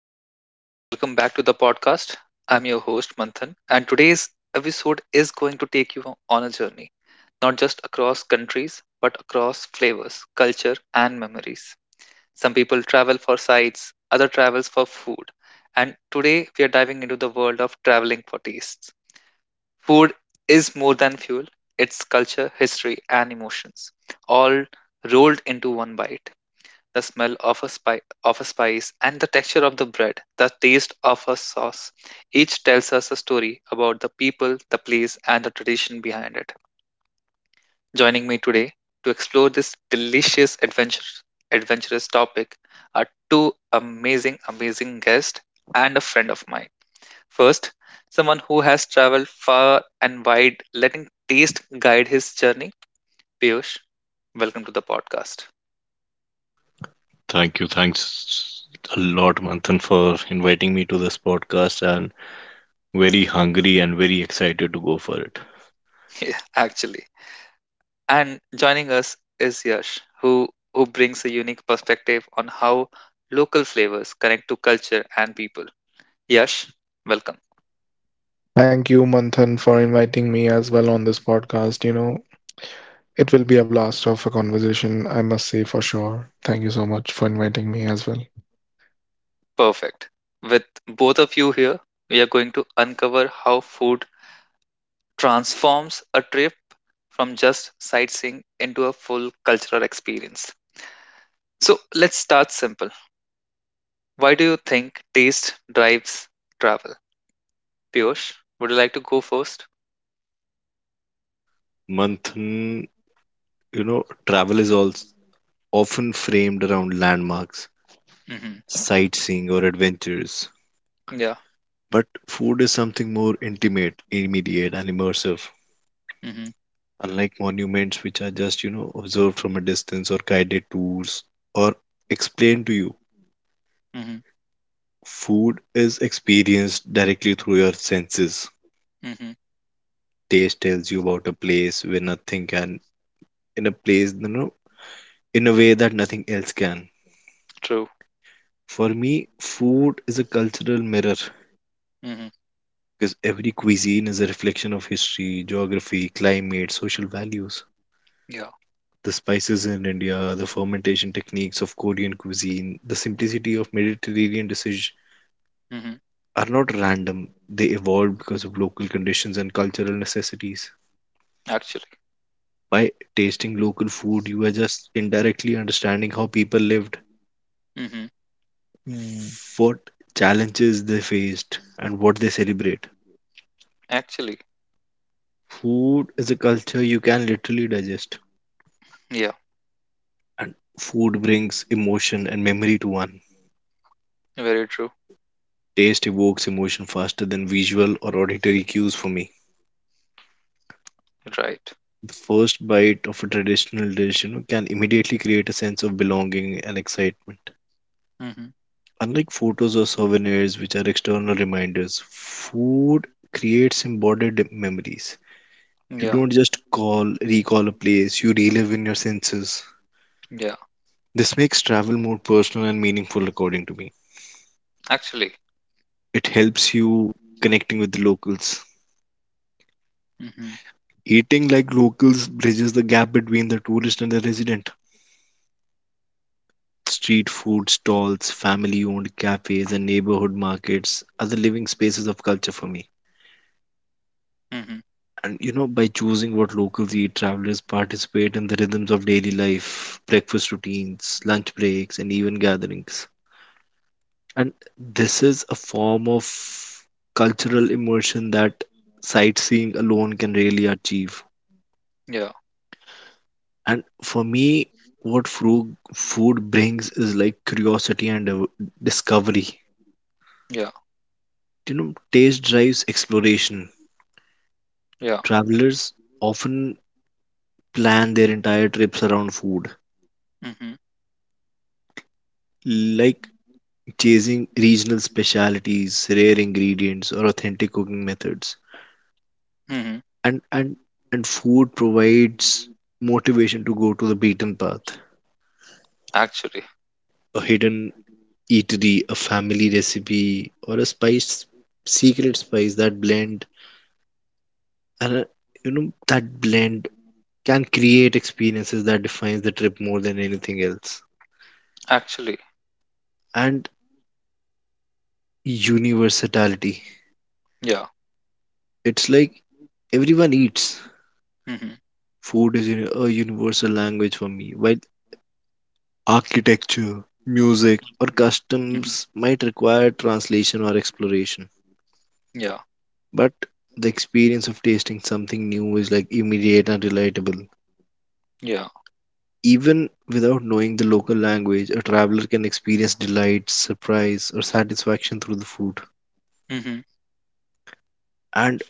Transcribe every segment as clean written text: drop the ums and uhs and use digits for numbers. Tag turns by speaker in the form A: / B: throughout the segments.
A: everyone, and welcome back to the podcast. I'm your host, Manthan, and today's episode is going to take you on a journey, not just across countries, but across flavors, culture, and memories. Some people travel for sights, other travels for food, and today we are diving into the world of traveling for tastes. Food is more than fuel, it's culture, history, and emotions, all rolled into one bite, the smell of a spice, and the texture of the bread, the taste of a sauce. Each tells us a story about the people, the place, and the tradition behind it. Joining me today to explore this adventurous topic are two amazing guests and a friend of mine. First, someone who has traveled far and wide, letting taste guide his journey. Piyush, welcome to the podcast.
B: Thank you. Thanks a lot, Manthan, for inviting me to this podcast and very hungry and very excited to go for it.
A: Yeah, actually. And joining us is Yash, who brings a unique perspective on how local flavors connect to culture and people. Yash, welcome.
C: Thank you, Manthan, for inviting me as well on this podcast. You know, it will be a blast of a conversation, I must say for sure. Thank you so much for inviting me as well.
A: Perfect. With both of you here, we are going to uncover how food transforms a trip from just sightseeing into a full cultural experience. So let's start simple. Why do you think taste drives travel? Piyush, would you like to go 1st?
B: Manthan, you know, travel is also often framed around landmarks,
A: Mm-hmm.
B: sightseeing, or adventures.
A: Yeah.
B: But food is something more intimate, immediate, and immersive.
A: Mm-hmm.
B: Unlike monuments, which are just, you know, observed from a distance or guided tours or explained to you,
A: Mm-hmm.
B: food is experienced directly through your senses.
A: Mm-hmm.
B: Taste tells you about a place where nothing can, in a place, you know, in a way that nothing else can.
A: True.
B: For me, food is a cultural mirror because every cuisine is a reflection of history, geography, climate, social values.
A: Yeah.
B: The spices in India, the fermentation techniques of Korean cuisine, the simplicity of Mediterranean dishes
A: Hmm.
B: are not random. They evolved because of local conditions and cultural necessities.
A: Actually.
B: By tasting local food, you are just indirectly understanding how people lived.
A: Hmm.
B: Hmm. What challenges they faced and what they celebrate.
A: Actually.
B: Food is a culture you can literally digest,
A: Yeah.
B: and food brings emotion and memory to one.
A: Very true.
B: Taste evokes emotion faster than visual or auditory cues for me.
A: Right.
B: The first bite of a traditional dish, you know, can immediately create a sense of belonging and excitement.
A: Hmm.
B: Unlike photos or souvenirs, which are external reminders, food creates embodied memories. You
A: Yeah.
B: don't just call recall a place, you relive in your senses.
A: Yeah.
B: This makes travel more personal and meaningful, according to me.
A: Actually.
B: It helps you connecting with the locals.
A: Hmm.
B: Eating like locals bridges the gap between the tourist and the resident. Street food stalls, family owned cafes, and neighborhood markets are the living spaces of culture for me.
A: Hmm.
B: And you know, by choosing what locals eat, travelers participate in the rhythms of daily life, breakfast routines, lunch breaks, and even gatherings. And this is a form of cultural immersion that sightseeing alone can really achieve.
A: Yeah.
B: And for me, what food brings is like curiosity and discovery.
A: Yeah.
B: You know, taste drives exploration.
A: Yeah.
B: Travelers often plan their entire trips around food,
A: Hmm.
B: like chasing regional specialities, rare ingredients, or authentic cooking methods.
A: Hmm.
B: And and food provides motivation to go to the beaten path,
A: Actually.
B: a hidden eatery, a family recipe, or a spice secret spice that blend, and you know, that blend can create experiences that defines the trip more than anything else.
A: Actually.
B: And universality,
A: Yeah.
B: it's like everyone eats.
A: Hmm. Hmm.
B: Food is a universal language for me, while architecture, music, or customs might require translation or exploration.
A: Yeah.
B: But the experience of tasting something new is like immediate and relatable.
A: Yeah.
B: Even without knowing the local language, a traveler can experience delight, surprise, or satisfaction through the food.
A: Hmm.
B: And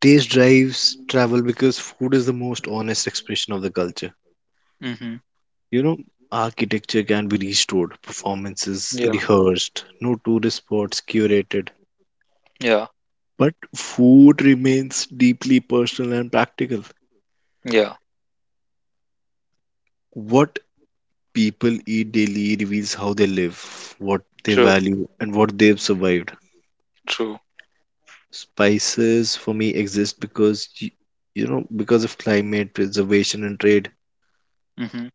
B: taste drives travel because food is the most honest expression of the culture.
A: Hmm.
B: You know, architecture can be restored, performances
A: Yeah.
B: rehearsed, no tourist spots curated.
A: Yeah.
B: But food remains deeply personal and practical.
A: Yeah.
B: What people eat daily reveals how they live, what they
A: True.
B: value, and what they've survived.
A: True.
B: Spices for me exist because you know, because of climate preservation and trade,
A: Hmm.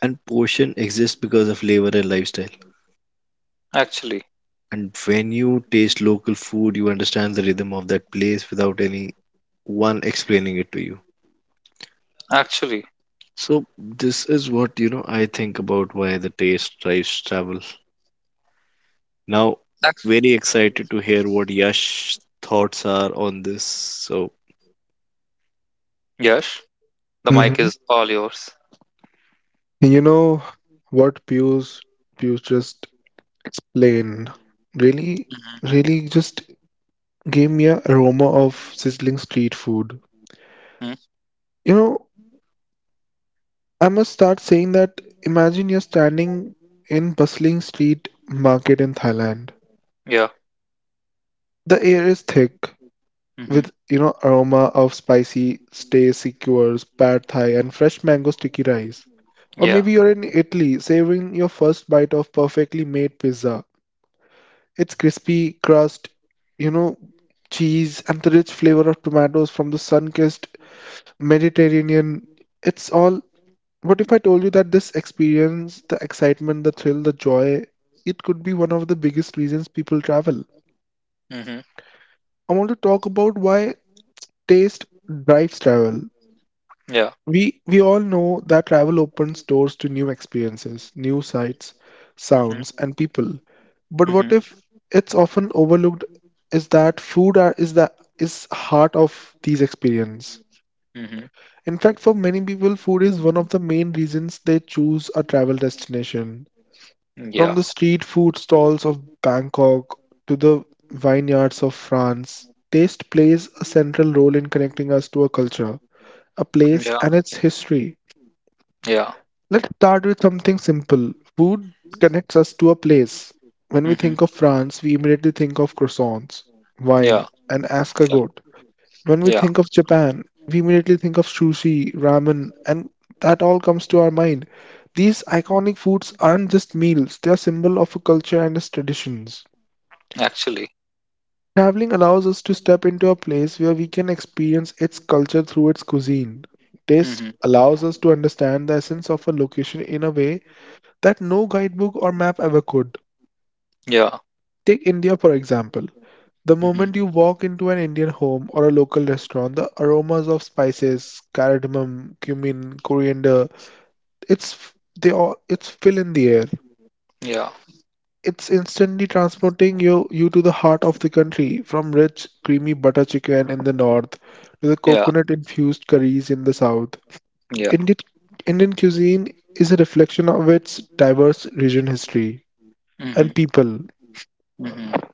B: and portion exists because of labor and lifestyle.
A: Actually.
B: And when you taste local food, you understand the rhythm of that place without any one explaining it to you.
A: Actually.
B: So this is what, you know, I think about why the taste drives travel. Now,
A: Act-
B: very excited to hear what Yash thoughts are on this. So
A: yes. The mic
C: hmm
A: is all yours.
C: You know what Pius just explained really, really just gave me a aroma of sizzling street food.
A: Mm.
C: You know, I must start saying that imagine you're standing in bustling street market in Thailand.
A: Yeah.
C: The air is thick
A: Hmm.
C: with, you know, aroma of spicy stay secures, pad thai and fresh mango sticky rice. Or
A: Yeah.
C: maybe you're in Italy savoring your first bite of perfectly made pizza. It's crispy crust, you know, cheese and the rich flavor of tomatoes from the sun-kissed Mediterranean. It's all. What if I told you that this experience, the excitement, the thrill, the joy, it could be one of the biggest reasons people travel?
A: Hmm.
C: I want to talk about why taste drives travel.
A: Yeah.
C: We all know that travel opens doors to new experiences, new sights,
A: Hmm.
C: sounds, and people. But what
A: Hmm.
C: if it's often overlooked is that food are, is the is heart of these experiences.
A: Hmm.
C: In fact, for many people, food is one of the main reasons they choose a travel destination. From
A: Yeah,
C: the street food stalls of Bangkok to the vineyards of France, taste plays a central role in connecting us to a culture, a place,
A: yeah,
C: and its history.
A: yeah,
C: Let's start with something simple. Food connects us to a place. When we
A: mm-hmm.
C: think of France, we immediately think of croissants,
A: Yeah,
C: wine, and
A: yeah,
C: escargot. When we
A: yeah,
C: think of Japan, we immediately think of sushi, ramen, and that all comes to our mind. These iconic foods aren't just meals, they are symbol of a culture and its traditions.
A: actually,
C: Traveling allows us to step into a place where we can experience its culture through its cuisine. Taste
A: mm-hmm.
C: allows us to understand the essence of a location in a way that no guidebook or map ever could.
A: Yeah,
C: Take India, for example. The moment
A: mm-hmm.
C: you walk into an Indian home or a local restaurant, the aromas of spices, cardamom, cumin, coriander, it's f- they all it's fill in the air.
A: Yeah,
C: It's instantly transporting you to the heart of the country, from rich, creamy butter chicken in the north to the
A: yeah,
C: coconut infused curries in the south.
A: yeah,
C: Indian Indian cuisine is a reflection of its diverse region history
A: mm-hmm.
C: and people.
A: Mm-hmm.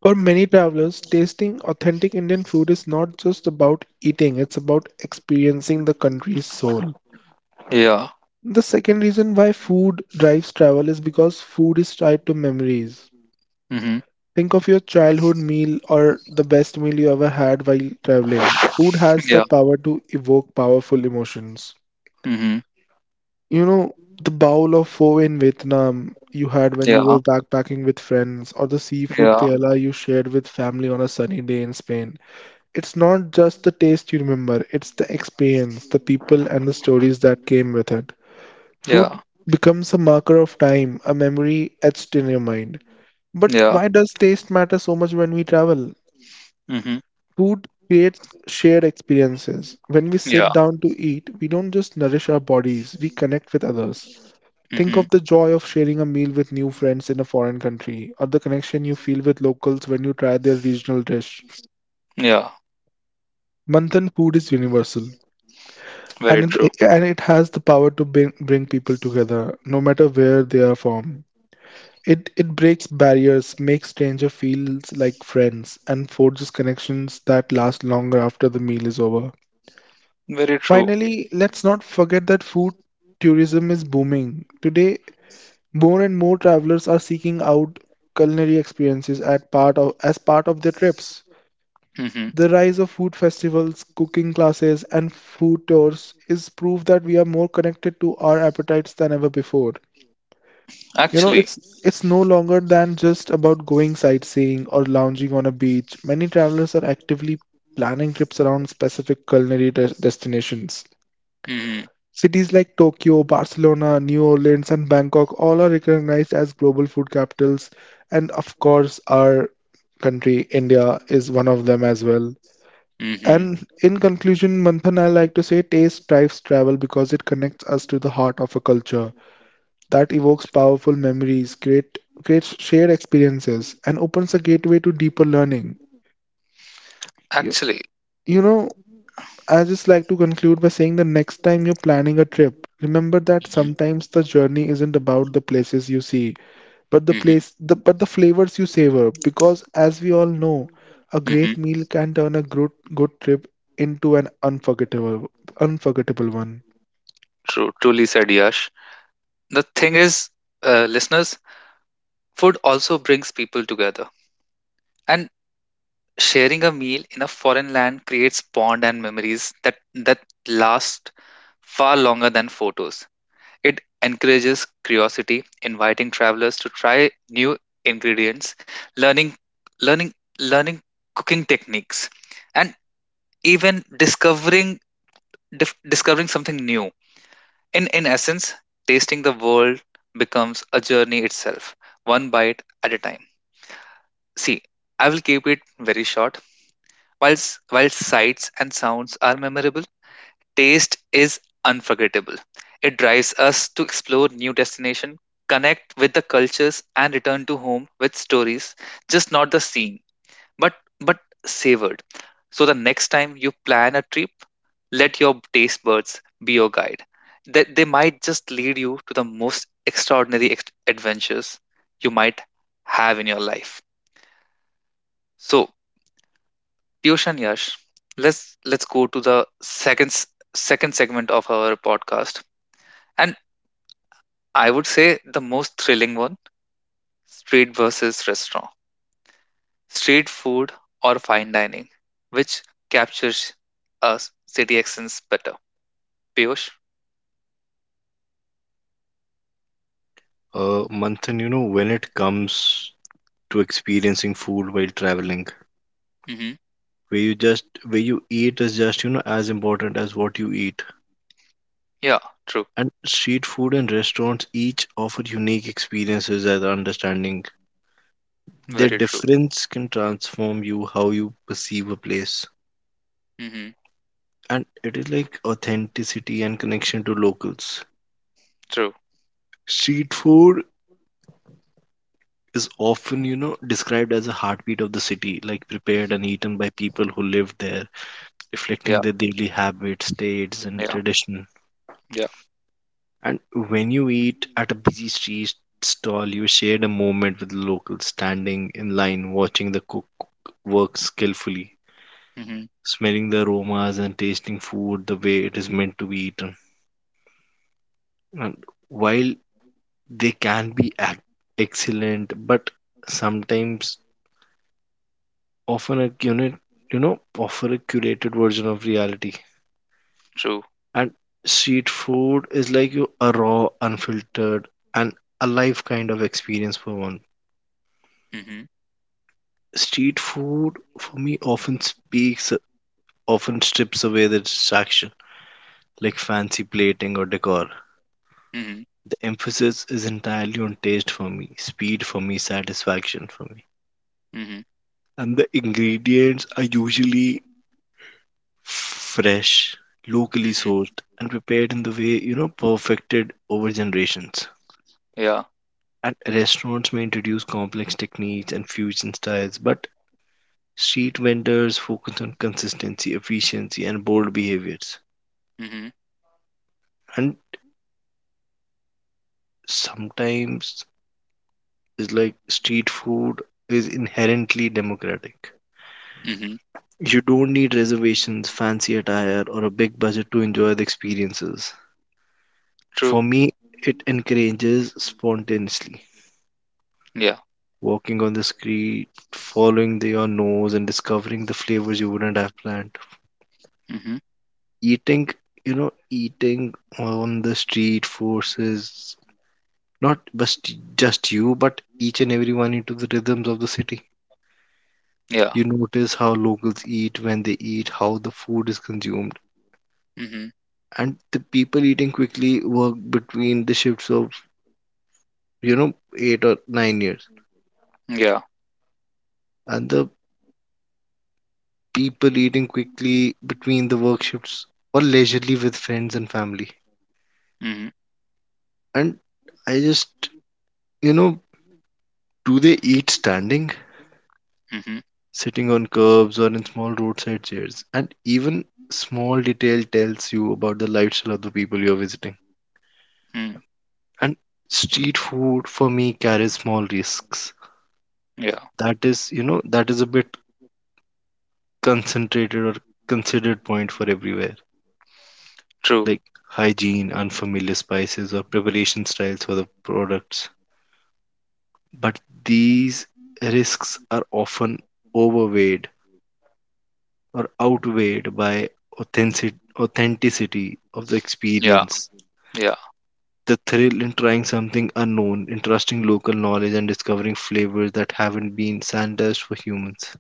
C: For many travelers, tasting authentic Indian food is not just about eating, it's about experiencing the country's soul.
A: Yeah,
C: The second reason why food drives travel is because food is tied to memories.
A: mm-hmm.
C: Think of your childhood meal or the best meal you ever had while traveling. Food has
A: Yeah,
C: that power to evoke powerful emotions.
A: mm-hmm.
C: You know, the bowl of pho in Vietnam you had when
A: Yeah,
C: you were backpacking with friends, or the seafood
A: yeah,
C: paella you shared with family on a sunny day in Spain. It's not just the taste you remember, it's the experience, the people, and the stories that came with it.
A: yeah,
C: Food becomes a marker of time, a memory etched in your mind. But
A: yeah,
C: why does taste matter so much when we travel?
A: mm-hmm.
C: Food creates shared experiences. When we
A: Yeah,
C: sit down to eat, we don't just nourish our bodies, we connect with others. Think
A: mm-hmm.
C: of the joy of sharing a meal with new friends in a foreign country, or the connection you feel with locals when you try their regional dish.
A: Yeah,
C: Manthan, food is universal,
A: very
C: and
A: true,
C: it has the power to bring people together no matter where they are from. It breaks barriers, makes stranger feels like friends, and forges connections that last longer after the meal is over.
A: very true,
C: Finally, let's not forget that food tourism is booming today. More and more travelers are seeking out culinary experiences at part of as part of their trips.
A: mm-hmm.
C: The rise of food festivals, cooking classes, and food tours is proof that we are more connected to our appetites than ever before. You know,
A: Actually,
C: it's no longer than just about going sightseeing or lounging on a beach. Many travelers are actively planning trips around specific destinations.
A: mm-hmm.
C: Cities like Tokyo, Barcelona, New Orleans, and Bangkok all are recognized as global food capitals, and of course, our country, India, is one of them as well.
A: Mm-hmm.
C: And in conclusion, Manthan, I like to say taste drives travel because it connects us to the heart of a culture that evokes powerful memories, creates shared experiences, and opens a gateway to deeper learning. You,
A: Actually.
C: you know, I just like to conclude by saying the next time you're planning a trip, remember that
A: Mhm.
C: sometimes the journey isn't about the places you see, but the
A: Mhm.
C: place the but the flavors you savor, because as we all know a
A: Mhm.
C: great meal can turn a good trip into an unforgettable one.
A: True, truly said, Yash. The thing is, listeners, food also brings people together. And sharing a meal in a foreign land creates bond and memories that last far longer than photos. It encourages curiosity, inviting travelers to try new ingredients, learning learning learning cooking techniques, and even discovering discovering something new. In essence, tasting the world becomes a journey itself, one bite at a time. See, I will keep it very short. Whilst While sights and sounds are memorable, taste is unforgettable. It drives us to explore new destinations, connect with the cultures, and return to home with stories, just not the scene, but but savored. So the next time you plan a trip, let your taste buds be your guide. They might just lead you to the most extraordinary adventures you might have in your life. So, Piyush and Yash, let's go to the second segment of our podcast. And I would say the most thrilling one: street versus restaurant, street food or fine dining, which captures a city accents better. Piyush?
B: Manthan, you know, when it comes to experiencing food while traveling,
A: Mm-hmm.
B: where you eat is just, you know, as important as what you eat.
A: Yeah, true.
B: And street food and restaurants each offer unique experiences as understanding. Their
A: Very true.
B: difference can transform you how you perceive a place.
A: Mm-hmm.
B: And it is like authenticity and connection to locals.
A: True.
B: Street food is often, you know, described as a heartbeat of the city, like prepared and eaten by people who live there, reflecting
A: Yeah,
B: their daily habits, tastes, and
A: yeah,
B: tradition.
A: yeah.
B: And when you eat at a busy street stall, you shared a moment with the locals, standing in line, watching the cook work skillfully,
A: Mm-hmm.
B: smelling the aromas and tasting food the way it is meant to be eaten. And while they can be excellent, but sometimes often a unit, you know, offer a curated version of reality.
A: True.
B: And street food is like you a raw, unfiltered, and alive kind of experience for one.
A: Mm-hmm.
B: Street food for me often strips away the distraction, like fancy plating or decor.
A: Mm-hmm.
B: The emphasis is entirely on taste for me, speed for me, satisfaction for me.
A: Mm-hmm.
B: And the ingredients are usually fresh, locally
A: Mm-hmm.
B: sourced, and prepared in the way, you know, perfected over generations.
A: Yeah.
B: And restaurants may introduce complex techniques and fusion styles, but street vendors focus on consistency, efficiency, and bold behaviors.
A: Mm-hmm.
B: And sometimes it's like street food is inherently democratic.
A: Mm-hmm.
B: You don't need reservations, fancy attire, or a big budget to enjoy the experiences.
A: True.
B: For me, it encourages spontaneously
A: Yeah.
B: walking on the street, following the, your nose, and discovering the flavors you wouldn't have planned.
A: Mm-hmm.
B: Eating, you know, eating on the street forces not just you but each and everyone into the rhythms of the city.
A: Yeah.
B: You notice how locals eat, when they eat, how the food is consumed,
A: Mm-hmm.
B: and the people eating quickly work between the shifts of you know 8 or 9 years,
A: Yeah.
B: and the people eating quickly between the work shifts or leisurely with friends and family.
A: Mm-hmm.
B: And I just, you know, do they eat standing,
A: Mm-hmm.
B: sitting on curbs, or in small roadside chairs. And even small detail tells you about the lifestyle of the people you're visiting.
A: Mm.
B: And street food for me carries small risks.
A: Yeah.
B: That is, you know, that is a bit concentrated or considered point for everywhere,
A: True.
B: like hygiene, unfamiliar spices, or preparation styles for the products. But these risks are often overweighed or outweighed by authenticity of the
A: Yeah.
B: experience.
A: Yeah.
B: The thrill in trying something unknown, in trusting local knowledge, and discovering flavors that haven't been standardized for humans.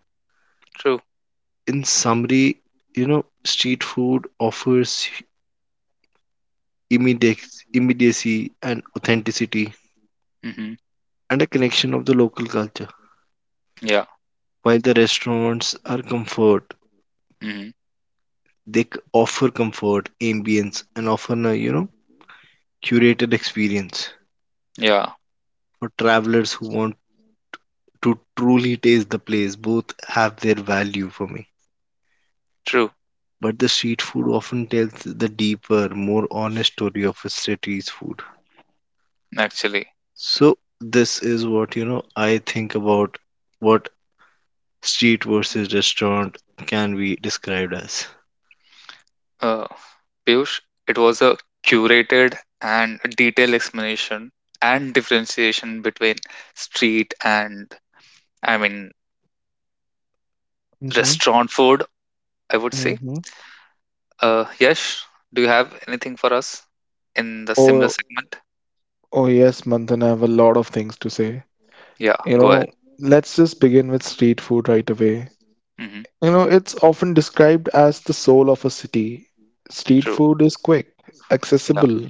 A: True.
B: In summary, you know, street food offers immediacy and authenticity
A: Mm-hmm.
B: and a connection of the local culture.
A: Yeah.
B: While the restaurants are comfort,
A: Mm-hmm.
B: they offer comfort, ambience, and often a, you know, curated experience.
A: Yeah.
B: For travelers who want to truly taste the place, both have their value for me.
A: True.
B: But the street food often tells the deeper, more honest story of a city's food.
A: Actually,
B: So this is what, you know, I think about what street versus restaurant can be described as.
A: uh, Piyush, it was a curated and detailed explanation and differentiation between street and, I mean,
C: Mm-hmm.
A: restaurant food, I would say.
C: Mm-hmm.
A: Yash, do you have anything for us in the similar
C: oh
A: segment?
C: oh yes, Manthan, I have a lot of things to say.
A: Yeah,
C: You
A: go
C: know,
A: ahead.
C: let's just begin with street food right away.
A: Mm-hmm.
C: You know, it's often described as the soul of a city. Street
A: True.
C: food is quick,
A: Yeah.
C: accessible,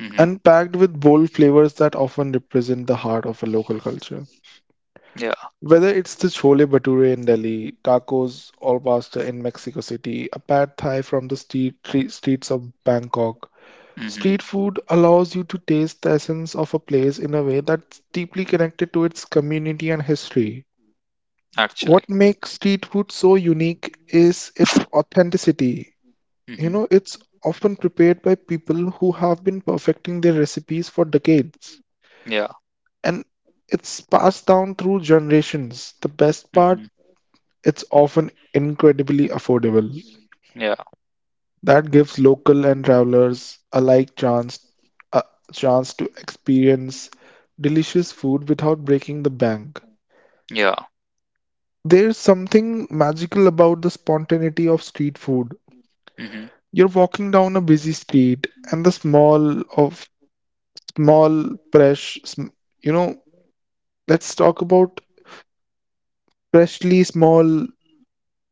A: Mm-hmm.
C: and packed with bold flavors that often represent the heart of a local culture.
A: Yeah.
C: Whether it's the chole bhature in Delhi, tacos al pastor in Mexico City, a pad thai from the streets of Bangkok,
A: Mm-hmm.
C: street food allows you to taste the essence of a place in a way that's deeply connected to its community and history.
A: Actually.
C: What makes street food so unique is its authenticity. You
A: Mm-hmm.
C: know, it's often prepared by people who have been perfecting their recipes for decades.
A: Yeah.
C: And it's passed down through generations. The best part:
A: Mm-hmm.
C: it's often incredibly affordable.
A: Yeah.
C: That gives local and travelers alike chance a chance to experience delicious food without breaking the bank.
A: Yeah.
C: There's something magical about the spontaneity of street food.
A: Mm-hmm.
C: You're walking down a busy street and the smell of small fresh sm- you know, let's talk about freshly small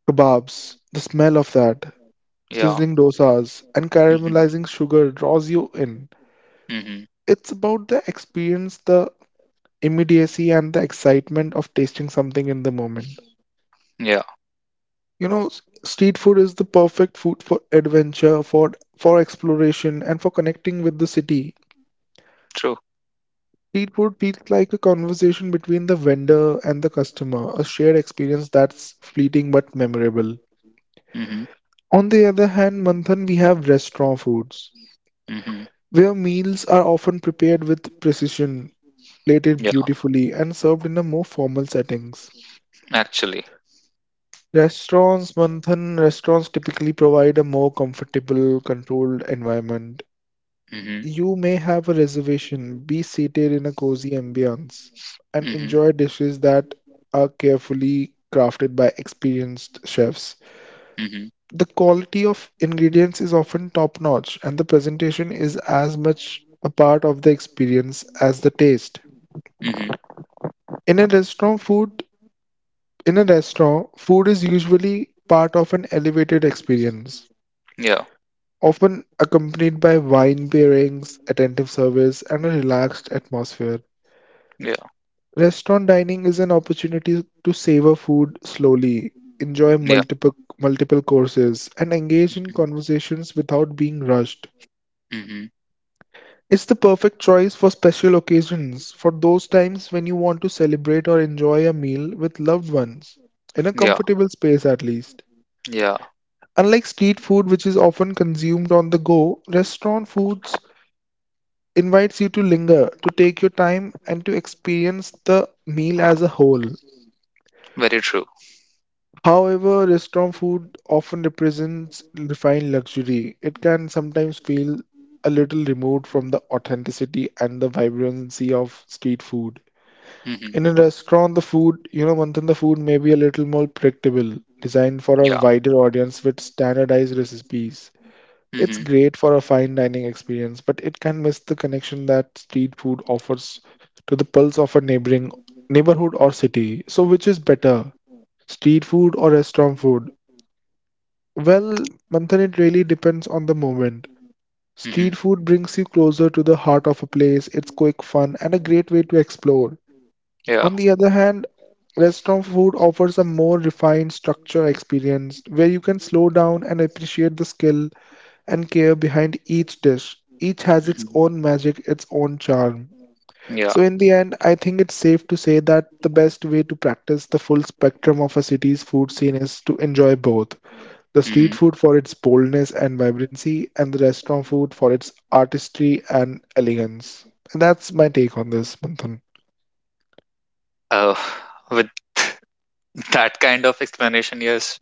C: kebabs. The smell of that
A: Yeah.
C: sizzling dosas and
A: Mm-hmm.
C: caramelizing sugar draws you in.
A: Mm-hmm.
C: It's about the experience, the immediacy, and the excitement of tasting something in the moment.
A: Yeah.
C: You know, street food is the perfect food for adventure, for exploration, and for connecting with the city.
A: True.
C: Street food feels like a conversation between the vendor and the customer, a shared experience that's fleeting but memorable.
A: Mm-hmm.
C: On the other hand, Manthan, we have restaurant foods,
A: Mm-hmm.
C: where meals are often prepared with precision, plated
A: Yeah,
C: beautifully, and served in a more formal settings.
A: actually.
C: Restaurants, Manthan, restaurants typically provide a more comfortable, controlled environment.
A: Mm-hmm.
C: You may have a reservation, be seated in a cozy ambience, and
A: Mm-hmm.
C: enjoy dishes that are carefully crafted by experienced chefs.
A: Mm-hmm.
C: The quality of ingredients is often top-notch, and the presentation is as much a part of the experience as the taste.
A: Mm-hmm.
C: In a restaurant, food in a restaurant, food is usually part of an elevated experience,
A: Yeah.
C: often accompanied by wine pairings, attentive service, and a relaxed atmosphere.
A: Yeah.
C: Restaurant dining is an opportunity to savor food slowly, enjoy
A: Yeah.
C: multiple courses, and engage in
A: Mm-hmm.
C: conversations without being rushed.
A: Mm-hmm.
C: It's the perfect choice for special occasions, for those times when you want to celebrate or enjoy a meal with loved ones, in a
A: Yeah.
C: comfortable space at least.
A: Yeah.
C: Unlike street food, which is often consumed on the go, restaurant foods invites you to linger, to take your time, and to experience the meal as a whole.
A: Very true.
C: However, restaurant food often represents refined luxury. It can sometimes feel a little removed from the authenticity and the vibrancy of street food.
A: Mm-hmm.
C: In a restaurant, the food, you know, Manthan, the food may be a little more predictable, designed for a
A: Yeah.
C: wider audience with standardized recipes. It's
A: Mm-hmm.
C: great for a fine dining experience, but it can miss the connection that street food offers to the pulse of a neighboring neighborhood or city. So which is better, street food or restaurant food? Well, Manthan, it really depends on the moment.
A: Mm-hmm.
C: Street food brings you closer to the heart of a place, it's quick fun and a great way to explore.
A: Yeah.
C: On the other hand, restaurant food offers a more refined structure experience where you can slow down and appreciate the skill and care behind each dish. Each has its
A: Mm-hmm.
C: own magic, its own charm.
A: Yeah.
C: So, in the end, I think it's safe to say that the best way to practice the full spectrum of a city's food scene is to enjoy both the
A: Mm-hmm.
C: street food for its boldness and vibrancy, and the restaurant food for its artistry and elegance. And that's my take on this, Manthan.
A: Uh, with that kind of explanation, yes,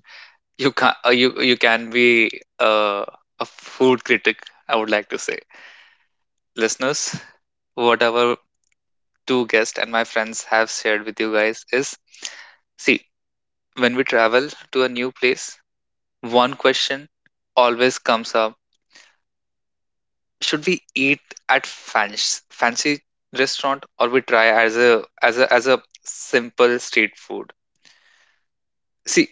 A: you can you can be uh, a food critic, I would like to say. Listeners, whatever two guests and my friends have shared with you guys is, see, when we travel to a new place, one question always comes up: should we eat at fancy restaurant, or we try as a as a as a simple street food? See,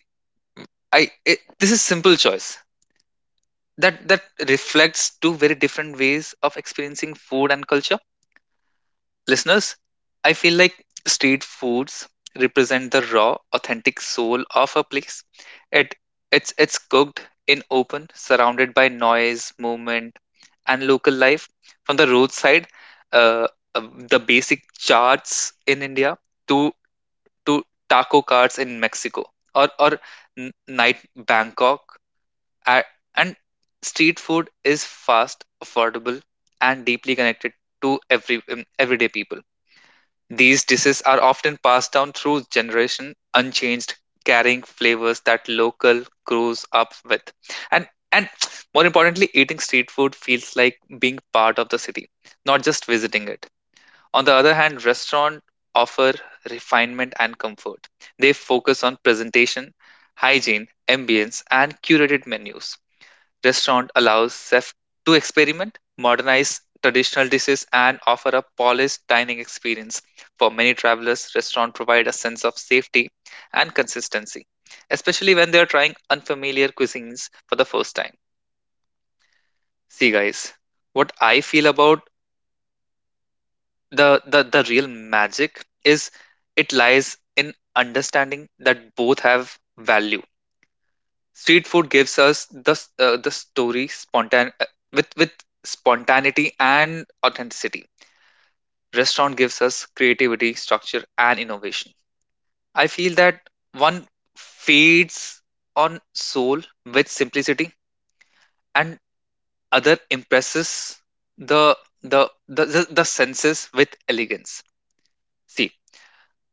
A: this is simple choice that reflects two very different ways of experiencing food and culture. Listeners, I feel like street foods represent the raw, authentic soul of a place. It it's cooked in open, surrounded by noise, movement, and local life. From the roadside, uh, uh, the basic charts in India, to to taco carts in Mexico, or night Bangkok, A- and street food is fast, affordable, and deeply connected to everyday people. These dishes are often passed down through generation unchanged, carrying flavors that local grows up with. And more importantly, eating street food feels like being part of the city, not just visiting it. On the other hand, restaurants offer refinement and comfort. They focus on presentation, hygiene, ambience, and curated menus. Restaurant allows chefs to experiment, modernize traditional dishes, and offer a polished dining experience. For many travelers, restaurants provide a sense of safety and consistency, especially when they are trying unfamiliar cuisines for the first time. See, guys, what I feel about the real magic is it lies in understanding that both have value. Street food gives us the story spontan with spontaneity and authenticity. Restaurant gives us creativity, structure, and innovation. I feel that one feeds on soul with simplicity, and other impresses the the the senses with elegance. See,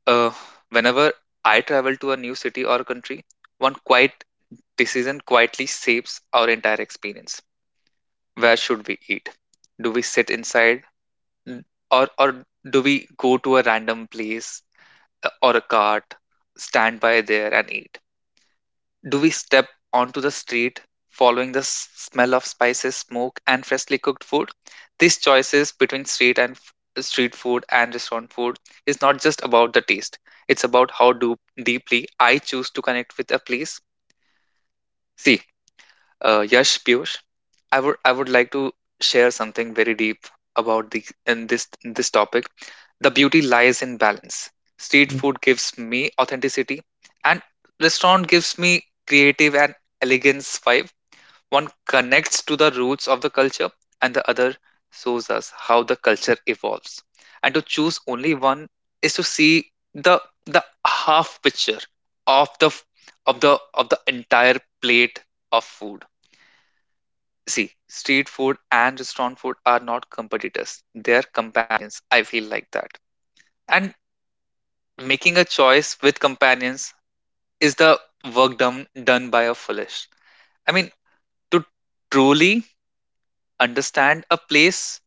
A: uh, whenever I travel to a new city or country, one quiet decision quietly shapes our entire experience. Where should we eat? Do we sit inside? Or do we go to a random place, or a cart, stand by there and eat? Do we step onto the street following the smell of spices, smoke and freshly cooked food? These choices between street food and restaurant food is not just about the taste. It's about how do deeply I choose to connect with a place. See, Yash, Piyush, I would like to share something very deep about the in this topic. The beauty lies in balance. Street food gives me authenticity, and restaurant gives me creative and elegance vibe. One connects to the roots of the culture, and the other shows us how the culture evolves. And to choose only one is to see the half picture of the entire plate of food. See, street food and restaurant food are not competitors. They are companions. I feel like that. And making a choice with companions is the work done by a foolish. I mean, to truly understand a place,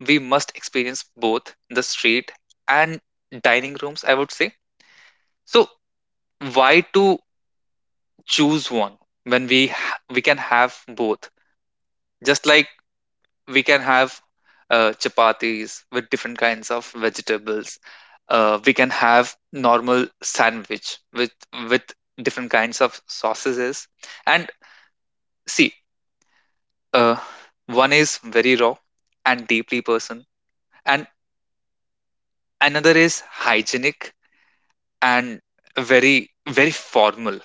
A: we must experience both the street and dining rooms, I would say. So why to choose one when we we can have both? Just like we can have chapatis with different kinds of vegetables. We can have normal sandwich with with different kinds of sausages. And see, uh, one is very raw and deeply personal, and another is hygienic and very formal.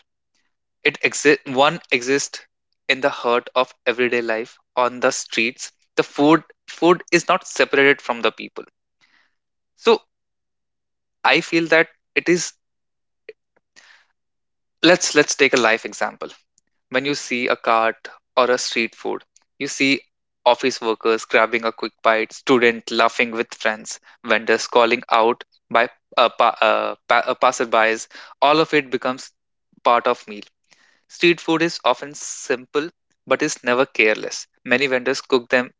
A: It exist One exists in the heart of everyday life on the streets. The food is not separated from the people. So I feel that it is, let's take a life example. When you see a cart or a street food, you see office workers grabbing a quick bite, student laughing with friends, vendors calling out by passerbys. All of it becomes part of meal. Street food is often simple but is never careless. Many vendors cook them,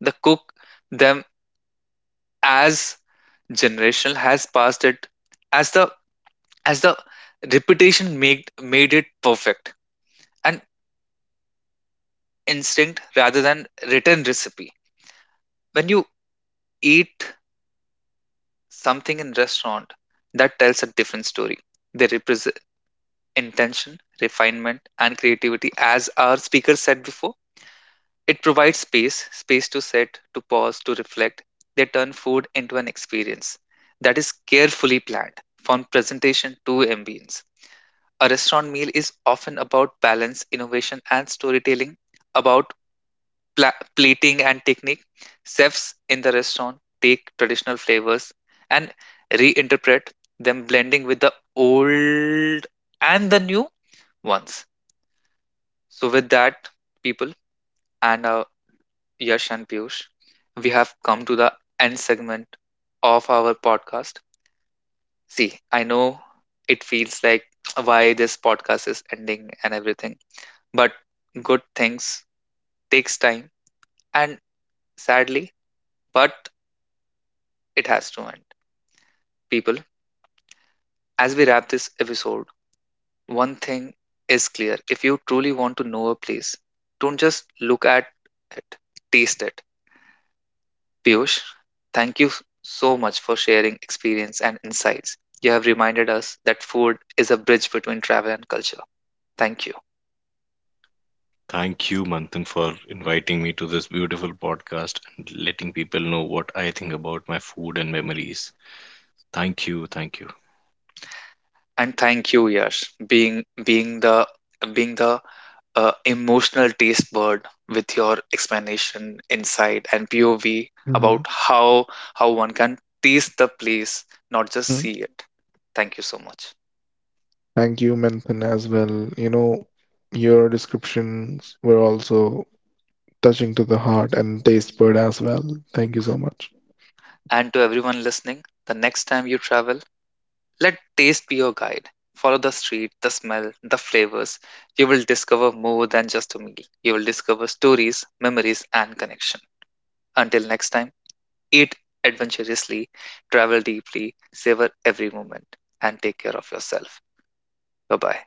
A: the cook them as generational has passed it, as the as the repetition made it perfect, an instinct rather than written recipe. When you eat something in restaurant, that tells a different story. They represent intention, refinement and creativity, as our speaker said before. It provides space to sit, to pause, to reflect. They turn food into an experience that is carefully planned, from presentation to ambience. A restaurant meal is often about balance, innovation, and storytelling, about plating and technique. Chefs in the restaurant take traditional flavors and reinterpret them, blending with the old and the new ones. So, with that, people and Yash and Piyush, we have come to the end segment of our podcast. See, I know it feels like why this podcast is ending and everything, but good things takes time, and sadly, but it has to end. People, as we wrap this episode, one thing is clear. If you truly want to know a place, don't just look at it, taste it. Piyush, thank you so much for sharing experience and insights. You have reminded us that food is a bridge between travel and culture. Thank you.
B: Thank you, Manthan, for inviting me to this beautiful podcast and letting people know what I think about my food and memories. Thank you, thank you.
A: And thank you, Yash, being being the emotional taste bud with your explanation, insight, and POV
C: Mhm.
A: about how one can taste the place, not just
C: Mhm.
A: see it. Thank you so much.
C: Thank you, Manthan, as well. You know, your descriptions were also touching to the heart and taste bud as well. Thank you so much.
A: And to everyone listening, the next time you travel, let taste be your guide. Follow the street, the smell, the flavors. You will discover more than just a meal. You will discover stories, memories, and connection. Until next time, eat adventurously, travel deeply, savor every moment, and take care of yourself. Bye-bye.